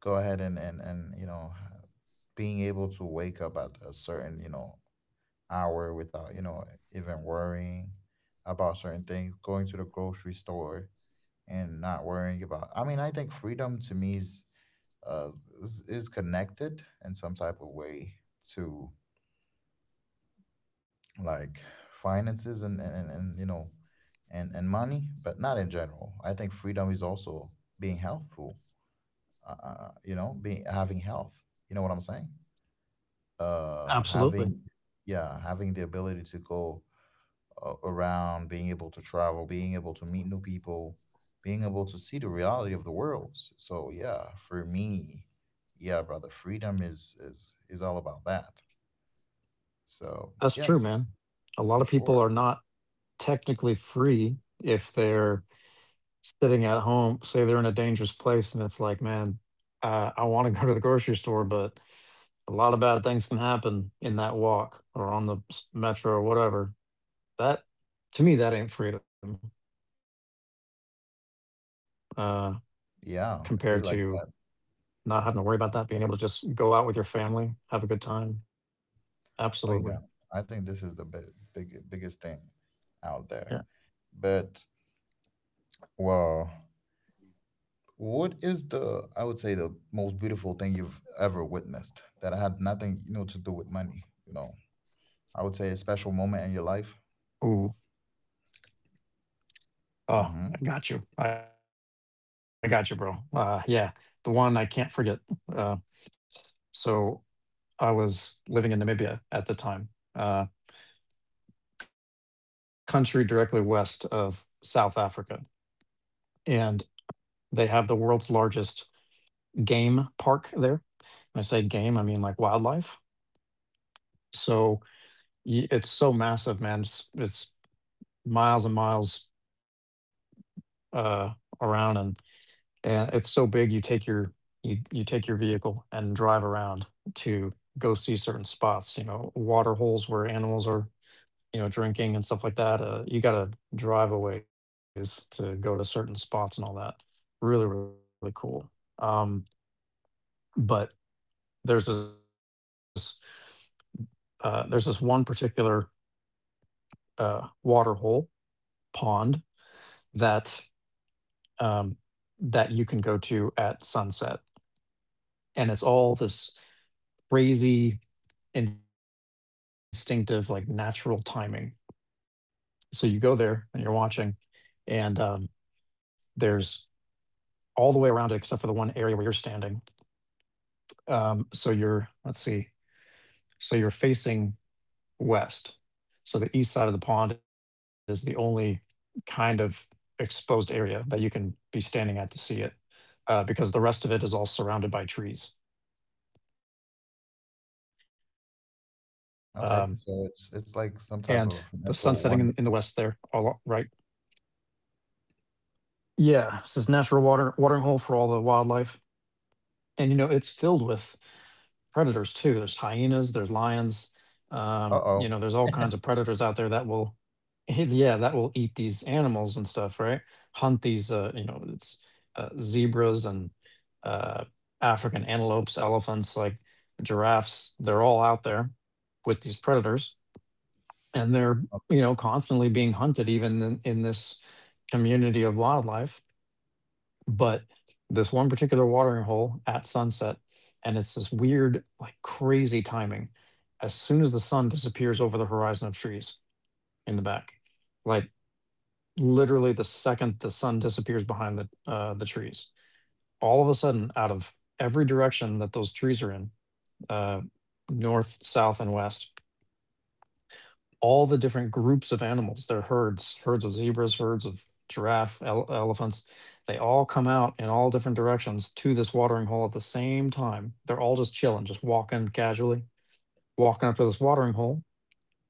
go ahead and being able to wake up at a certain, you know, hour without even worrying about certain things, going to the grocery store and not worrying about, I mean, I think freedom to me is uh, is connected in some type of way to, like, finances and, you know and money, but not in general. I think freedom is also being healthful, being having health. You know what I'm saying? Absolutely. Having Yeah, having the ability to go around, being able to travel, being able to meet new people, being able to see the reality of the world. So yeah, for me, yeah, brother, freedom is all about that, That's so true, man. yes, A lot of for people are sure, not technically free if they're sitting at home, say they're in a dangerous place and it's like, man, I want to (laughs) go to the grocery store, but a lot of bad things can happen in that walk or on the metro or whatever. That, to me, that ain't freedom uh, compared to not having to worry yeah, about it'd be that, like being able to that. just go out with your family, have a good time. Absolutely. Oh yeah, I think this is the big, Yeah. big biggest thing out there. But well, what is the, I would say, the most beautiful thing you've ever witnessed that had nothing, to do with money? You know, I would say a special moment in Ooh. your life. Oh, I got you. I Mm-hmm. got you, bro. Yeah. The one I can't forget. Uh, so I was living in Namibia at the time, uh, country directly west of South Africa. And they have the world's largest game park there. When I say game, I mean like wildlife. So it's so massive, man. It's miles and miles uh, around, and it's so big you take your you take your vehicle and drive around to go see certain spots. You know, water holes where animals are, you know, drinking and stuff like that. You got to drive a ways to go to certain spots and all that. Really, really cool. Um, but there's this there's this one particular water hole pond that um, that you can go to at sunset, and it's all this crazy instinctive like natural timing. So you go there and you're watching, and there's all the way around it except for the one area where you're standing. So you're, let's see, so you're facing west, so the east side of the pond is the only kind of exposed area that you can be standing at to see it, because the rest of it is all surrounded by trees, um, and the sun setting in the Okay, west so there, it's all like some right. type of natural wonder. Yeah, it's this natural water watering hole for all the wildlife, and you know it's filled with predators too. There's hyenas, there's lions, you know, there's all kinds Uh-oh, of predators out there that will, (laughs) yeah, that will eat these animals and stuff, right? Hunt these, you know, it's zebras and uh, African antelopes, elephants, like giraffes. They're all out there with these predators, and they're, you know, uh, constantly being hunted, even in this community of wildlife. But this one particular watering hole at sunset, and it's this weird like crazy timing, as soon as the sun disappears over the horizon of trees in the back, like literally the second the sun disappears behind the trees, all of a sudden out of every direction that those trees are in, uh, north south and west, all the different groups of animals, their herds, herds of zebras, herds of giraffe, elephants, they all come out in all different directions to this watering hole at the same time. They're all just chilling, just walking casually, walking up to this watering hole,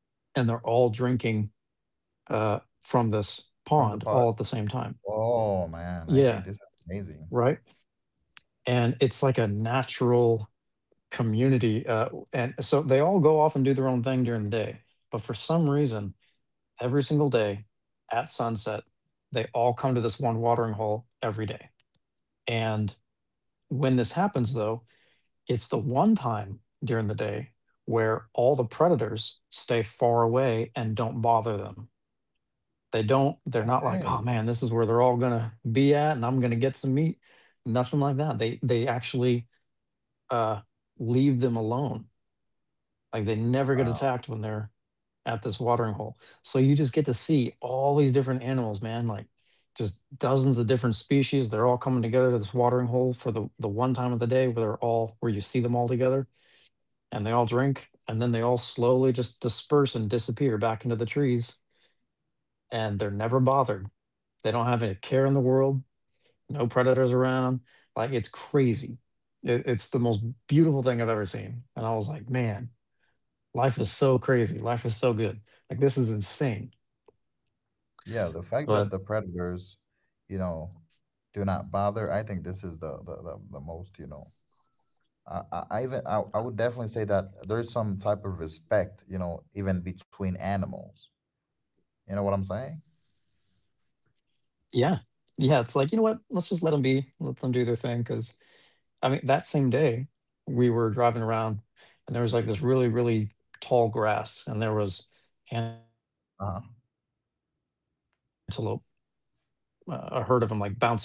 and they're all drinking from this pond from the all at the pot. same time. Oh man, Yeah, I think this is right. amazing. And it's like a natural community. And so they all go off and do their own thing during the day. But for some reason, every single day at sunset. They all come to this one watering hole every day. And when this happens, though, it's the one time during the day where all the predators stay far away and don't bother them. They don't, they're not like, oh man, Hey, this is where they're all gonna be at and I'm gonna get some meat. Nothing like that. They actually uh leave them alone. Like they never get attacked wow. when they're at this watering hole. So you just get to see all these different animals, man, like just dozens of different species. They're all coming together to this watering hole for the one time of the day where they're all where you see them all together, and they all drink and then they all slowly just disperse and disappear back into the trees, and they're never bothered. They don't have any care in the world, no predators around. Like it's crazy. It's the most beautiful thing I've ever seen. And I was like, man, life is so crazy. Life is so good. Like, this is insane. Yeah, the But fact that the predators, you know, do not bother, I think this is the the most, I even I would definitely say that there's some type of respect, you know, even between animals. You know what I'm saying? yeah, yeah, it's like, you know what? Let's just let them be, let them do their thing. Cause I mean, that same day, we were driving around and there was like this really, really tall grass and there was antelope, Uh-huh. A herd of them like bouncing around. They're all playing and grazing and stuff. And we saw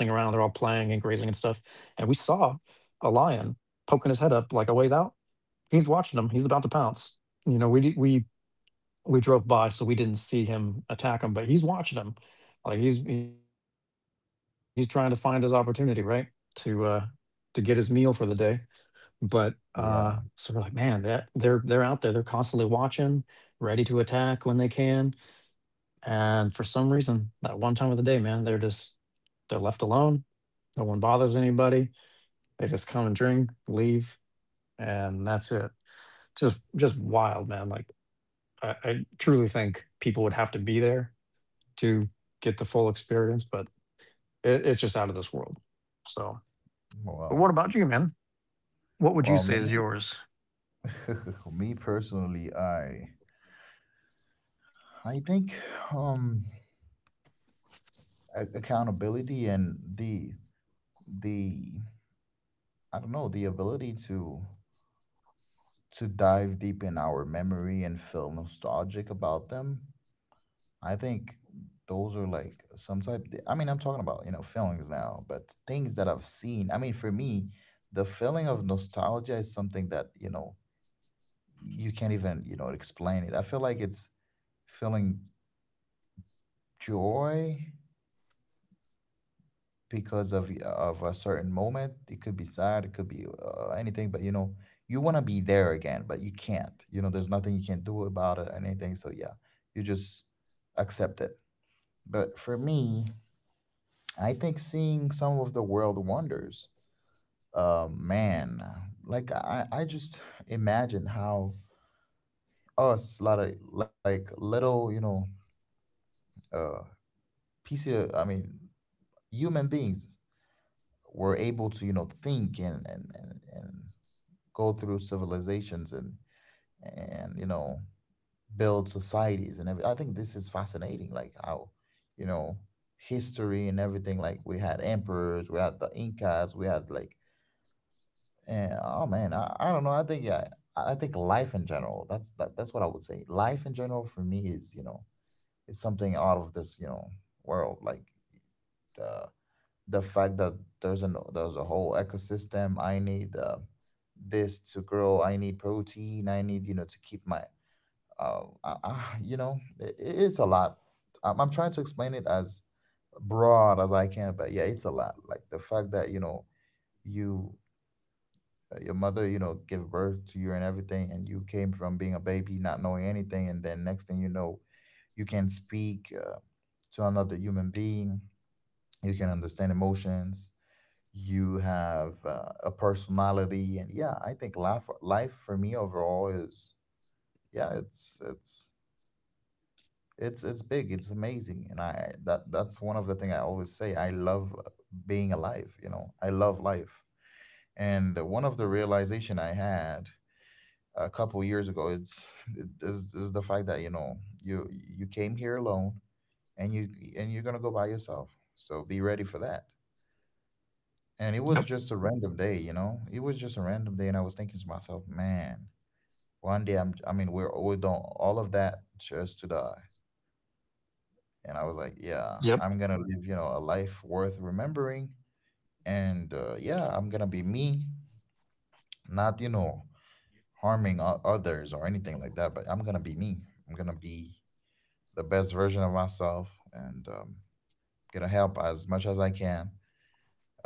a lion poking his head up like a ways out. He's watching them. He's about to pounce. You know, we drove by, so we didn't see him attack him, but he's watching him. Like he's trying to find his opportunity, right? To uh to get his meal for the day. But so we're like, man, that Yeah. they're out there, they're constantly watching, ready to attack when they can. And for some reason, that one time of the day, man, they're just they're left alone. No one bothers anybody. They just come and drink, leave, and that's it. Just wild, man. Like I truly think people would have to be there to get the full experience, but it's just out of this world. So, but what about Well, you, man? What would you say is me, yours? (laughs) me personally, I think um accountability and the I don't know, the ability to dive deep in our memory and feel nostalgic about them. I think those are like some type. I mean, I'm talking about, you know, feelings now, but things that I've seen. I mean, for me, the feeling of nostalgia is something that, you know, you can't even, you know, explain it. I feel like it's feeling joy because of a certain moment. It could be sad, it could be anything, but you know, you want to be there again, but you can't. You know, there's nothing you can do about it, anything. So yeah, you just accept it. But for me, I think seeing some of the world wonders, uh, man, like I just imagine how us, lot of like little, you know, uh, piece of, I mean, human beings were able to, you know, think and go through civilizations and you know build societies and everything. I think this is fascinating, like how, you know, history and everything. Like we had emperors, we had the Incas, we had like. And oh man, I don't know. I think yeah, I think life in general. That's what I would say. Life in general for me is you know it's something out of this you know world. Like the the fact that there's a whole ecosystem. I need this to grow. I need protein. I need you know to keep my you know it's a lot. I'm trying to explain it as broad as I can, but yeah, it's a lot. Like the fact that you know you your mother, you know, give birth to you and everything, and you came from being a baby, not knowing anything, and then next thing you know, you can speak to another human being, you can understand emotions, you have a personality, and yeah, I think life for me overall is yeah, it's big, it's amazing, and I that that's one of the thing I always say. I love being alive, you know, I love life, and one of the realization I had a couple years ago. It's is the fact that you know you came here alone and you and you're gonna go by yourself. So be ready for that. Yep. And it was just a random day, you know. It was just a random day, and I was thinking to myself, man, one day I mean, we done all of that just to die. And I was like, Yep. yeah, I'm gonna live, you know, a life worth remembering. And yeah, I'm gonna be me, not you know harming others or anything like that. But I'm gonna be me. I'm gonna be the best version of myself and gonna help as much as I can.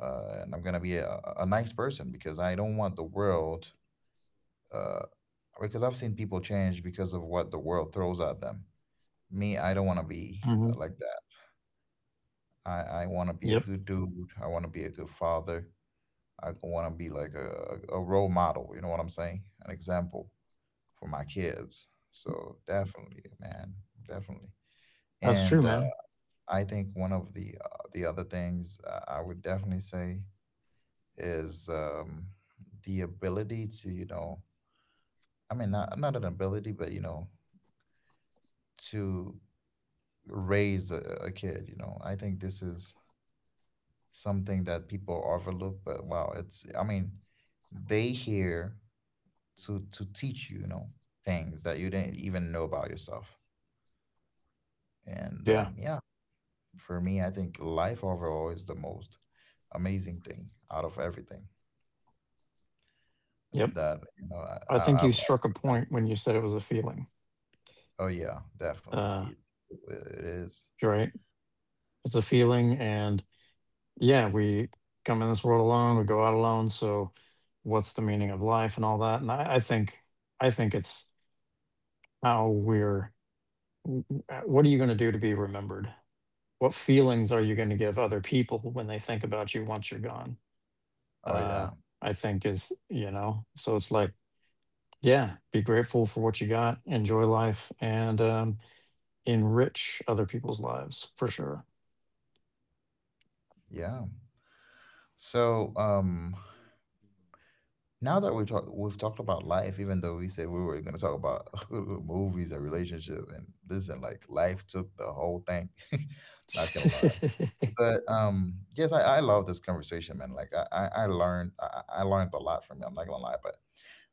And I'm gonna be a nice person because I don't want the world. Uh, because I've seen people change because of what the world throws at them. Me, I don't want to Hmm. be like that. I want Yep. to be a good dude. I want to be a good father. I want to be like a role model. You know what I'm saying? An example for my kids. So definitely, man, definitely. That's true, man. And I think one of the other things I would definitely say is the ability to you know I mean not an ability but you know to raise a kid you know I think this is something that people overlook but wow it's I mean they here to teach you you know things that you didn't even know about yourself Yeah. and yeah for me I think life overall is the most amazing thing out of everything. Yep. That you know I think you struck I a point when you said it was a feeling. oh yeah Uh, definitely it you're is right. It's a feeling. And yeah, we come in this world alone, we go out alone. So what's the meaning of life and all that? And I think it's how we're, what are you going to do to be remembered? What feelings are you going to give other people when they think about you once you're gone? uh oh yeah i think is, you know, so it's like, yeah, be grateful for what you got, enjoy life, and enrich other people's lives for sure. yeah so now that we've talked about life even though we said we were going to talk about (laughs) movies and relationship and this and like life took the whole thing (laughs) not gonna lie (laughs) but yes I love this conversation man like I learned a lot from you I'm not gonna lie but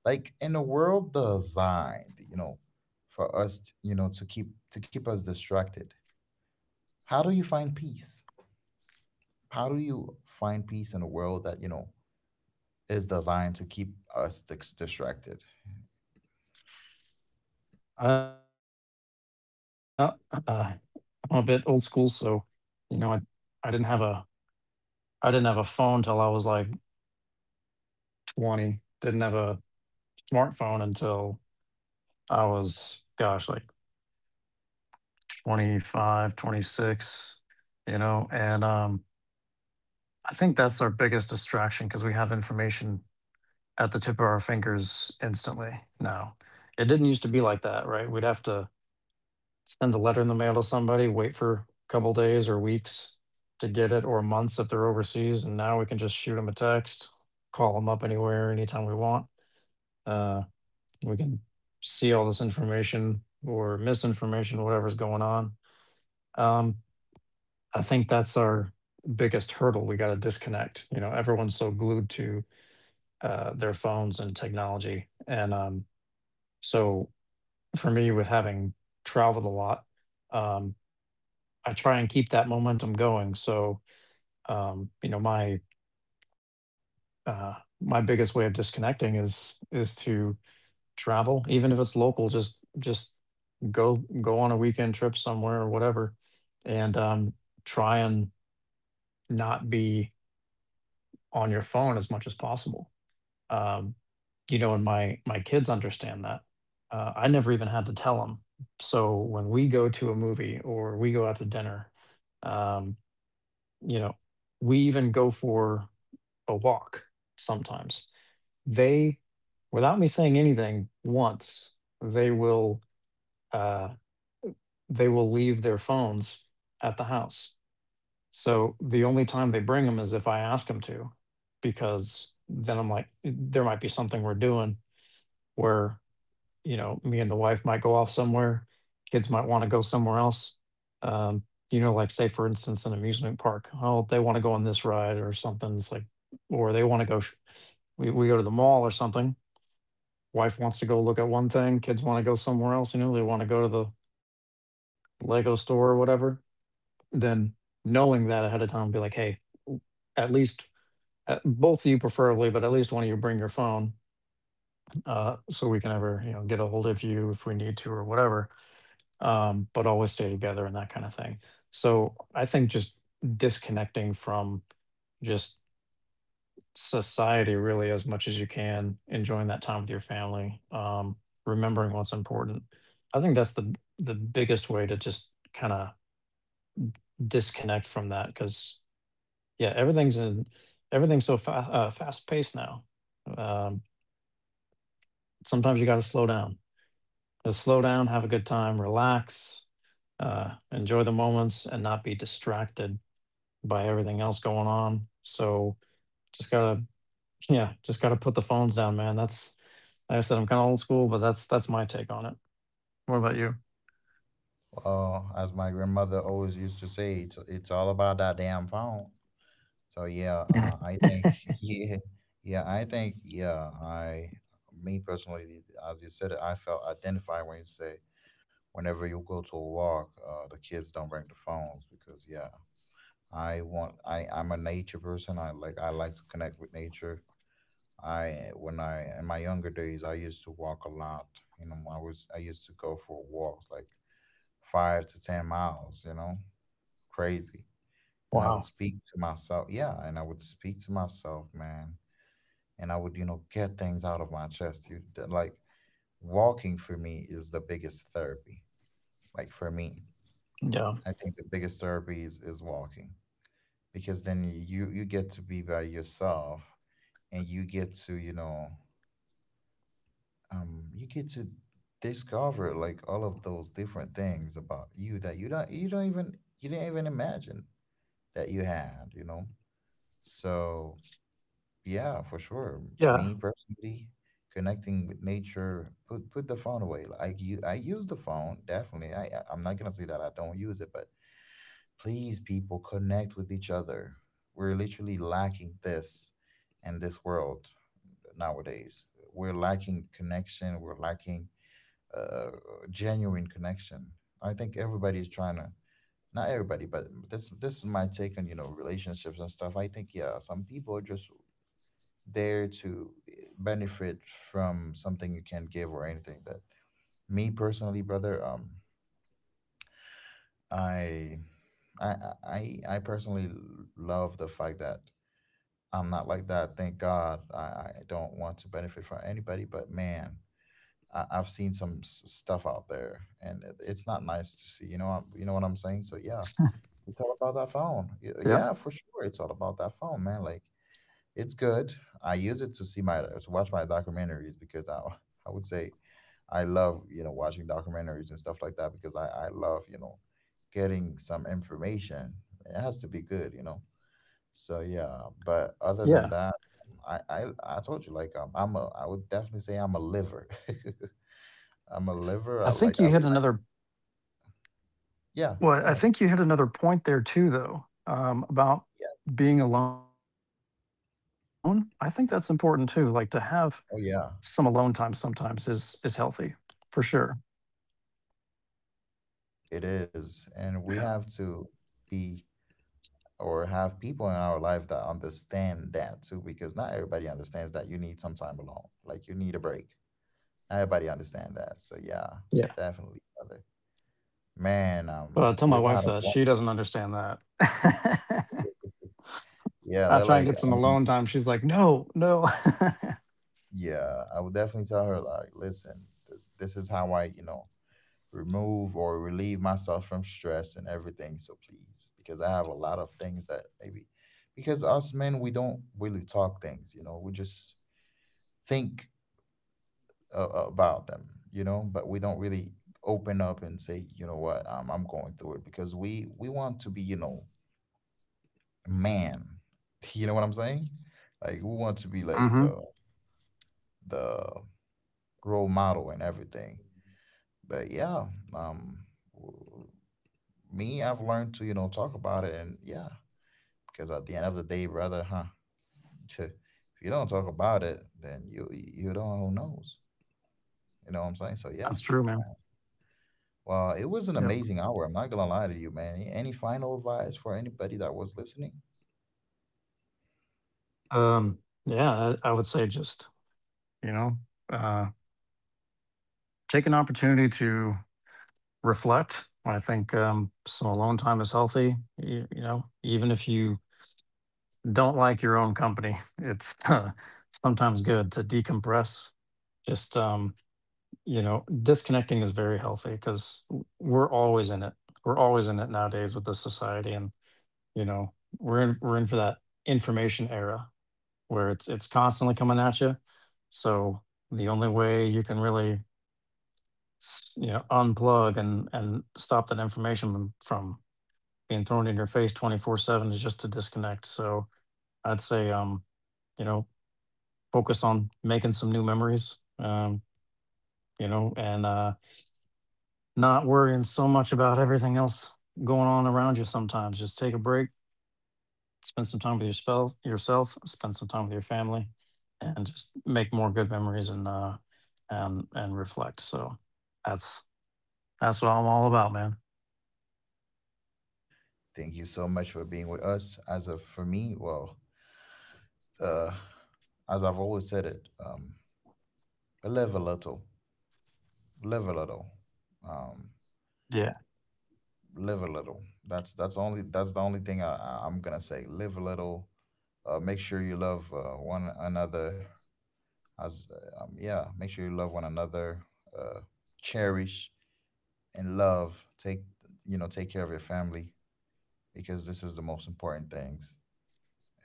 like in a world designed you know for us you know to keep us distracted. How do you find peace? How do you find peace in a world that, you know, is designed to keep us distracted? Well, uh, I'm a bit old school, so you know, I didn't have a I didn't have a phone till I was like 20, didn't have a smartphone until I was, gosh, like 25, 26, you know, and I think that's our biggest distraction because we have information at the tip of our fingers instantly now. It didn't used to be like that, right? We'd have to send a letter in the mail to somebody, wait for a couple days or weeks to get it, or months if they're overseas, and now we can just shoot them a text, call them up anywhere, anytime we want. Uh, we can see all this information or misinformation, whatever's going on. Um, I think that's our biggest hurdle. We got to disconnect. You know, everyone's so glued to their phones and technology, and so for me, with having traveled a lot, um, I try and keep that momentum going. So you know, uh, my biggest way of disconnecting is to travel, even if it's local. Just go go on a weekend trip somewhere or whatever, and try and not be on your phone as much as possible. Um, you know, and my kids understand that. I never even had to tell them. So when we go to a movie or we go out to dinner, um, you know, we even go for a walk sometimes. They, without me saying anything once, uh, they will leave their phones at the house. So the only time they bring them is if I ask them to, because then I'm like, there might be something we're doing where, you know, me and the wife might go off somewhere. Kids might want to go somewhere else. Um, you know, like say for instance, an amusement park. Oh, they want to go on this ride or something. It's like, or they want to go. We go to the mall or something. Wife wants to go look at one thing. Kids want to go somewhere else. You know, they want to go to the Lego store or whatever, then knowing that ahead of time, be like, hey, w- at least both of you preferably, but at least one of you bring your phone so we can ever, you know, get a hold of you if we need to or whatever, but always stay together and that kind of thing. So I think just disconnecting from just society really as much as you can, enjoying that time with your family, remembering what's important. I think that's the biggest way to just kind of disconnect from that because yeah, everything's in everything's so fast paced now. Um, sometimes you got to slow down. Just slow down, have a good time, relax, enjoy the moments, and not be distracted by everything else going on. So just gotta, (laughs) yeah, just gotta put the phones down, man. That's like I said, I'm kind of old school, but that's my take on it. What about you? Well, as my grandmother always used to say, it's all about that damn phone. So yeah, I think (laughs) yeah, yeah, I think yeah, I, me personally, as you said it, I felt identified when you say whenever you go to a walk, the kids don't bring the phones because yeah, I I'm a nature person. I like to connect with nature. I when I in my younger days I used to walk a lot. You know, I used to go for walks like 5 to 10 miles, you know, crazy. Wow. And I would speak to myself. Yeah, and I would speak to myself, man. And I would, you know, get things out of my chest. Like walking for me is the biggest therapy. Like for me. Yeah. I think the biggest therapy is walking because then you get to be by yourself and you get to you know you get to discover like all of those different things about you that you don't even you didn't even imagine that you had you know so yeah for sure Yeah. me personally connecting with nature put the phone away like you I use the phone definitely I'm not gonna say that I don't use it but please people connect with each other we're literally lacking this in this world nowadays. We're lacking connection. We're lacking uh, uh, genuine connection. I think everybody is trying to, not everybody, but this is my take on you know relationships and stuff. I think yeah, some people are just there to benefit from something you can't give or anything. That me personally, brother, I, I, I personally love the fact that I'm not like that. Thank God, I don't want to benefit from anybody, but man I've seen some stuff out there, and it's not nice to see. You know, you know what I'm saying. So yeah, it's all about that phone. Yeah. Yeah, for sure, it's all about that phone, man. Like it's good. I use it to see my to watch my documentaries because I (laughs) I would say I love you know watching documentaries and stuff like that because I love you know getting some information. It has to be good, you know. So yeah, but Yeah. other than that, I told you like I would definitely say I'm a liver. (laughs) I'm a I think you liver. Hit I another. like Well, I yeah, think you go hit ahead. another point there too, though, about Yeah. being alone. I think that's important too. Like to have some alone time Oh sometimes yeah, is healthy, for sure. it is. And we have to be or have people in our life that understand that too, because not everybody understands that you need some time alone. Like you need a break. Not everybody understand that. Yeah. So yeah, definitely, brother. But I tell Man, my wife that we've she had a doesn't wonderful understand that. (laughs) I try and get yeah, some they're like alone I time. mean, She's like, no, no. yeah, I would definitely tell her like, listen, this is how I, you know, remove or relieve myself from stress and everything. So please, because I have a lot of things that maybe, because us men, we don't really talk things, you know, we just think about them, you know, but we don't really open up and say, you know what, I'm going through it because we want to be, you know, man, (laughs) you know what I'm saying? Like we want to (laughs) Hmm. be like the role model and everything. But yeah, um, w- me, I've learned to, you know, talk about it and yeah, because at the end of the day, brother, huh? (laughs) If you don't talk about it, then you don't who knows. You know what I'm That's saying? So true, yeah. man. Well, it Yep. was an amazing hour. I'm not gonna lie to you, man. Any final advice for anybody that was listening? Um, yeah, I would say just, you know, uh, take an opportunity to reflect. I think some alone time is healthy. You know, even if you don't like your own company, (laughs) it's sometimes good to decompress. Just, you know, disconnecting is very healthy because we're always in it. We're always in it nowadays with this society. And, you know, we're in for that information era where it's constantly coming at you. So the only way you can really, you know, unplug and stop that information from being thrown in your face 24/7 is just to disconnect. So I'd say, you know, focus on making some new memories, you know, and not worrying so much about everything else going on around you sometimes. Just take a break, spend some time with yourself, yourself, spend some time with your family, and just make more good memories and reflect. So that's that's what I'm all about, man. Thank you so much for being with us. As of for me, well, uh, as I've always said it, live a little. live a little um Yeah. live a little that's only that's the only thing I'm gonna say live a little make sure you love one another as yeah make sure you love one another uh cherish and love take you know take care of your family because this is the most important things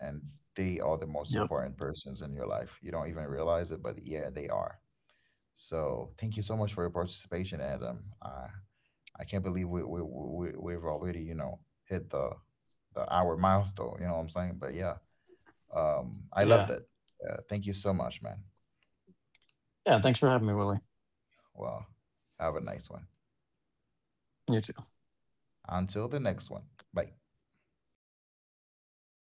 and they are the Yep. most important persons in your life you don't even realize it but yeah they are so thank you so much for your participation adam I can't believe we've already you know hit the hour milestone. You know what I'm saying? But yeah, Yeah. I loved it. Thank you so much, man. Yeah. Thanks for having me, Willie. Well, have a nice one. You too. Until the next one. Bye.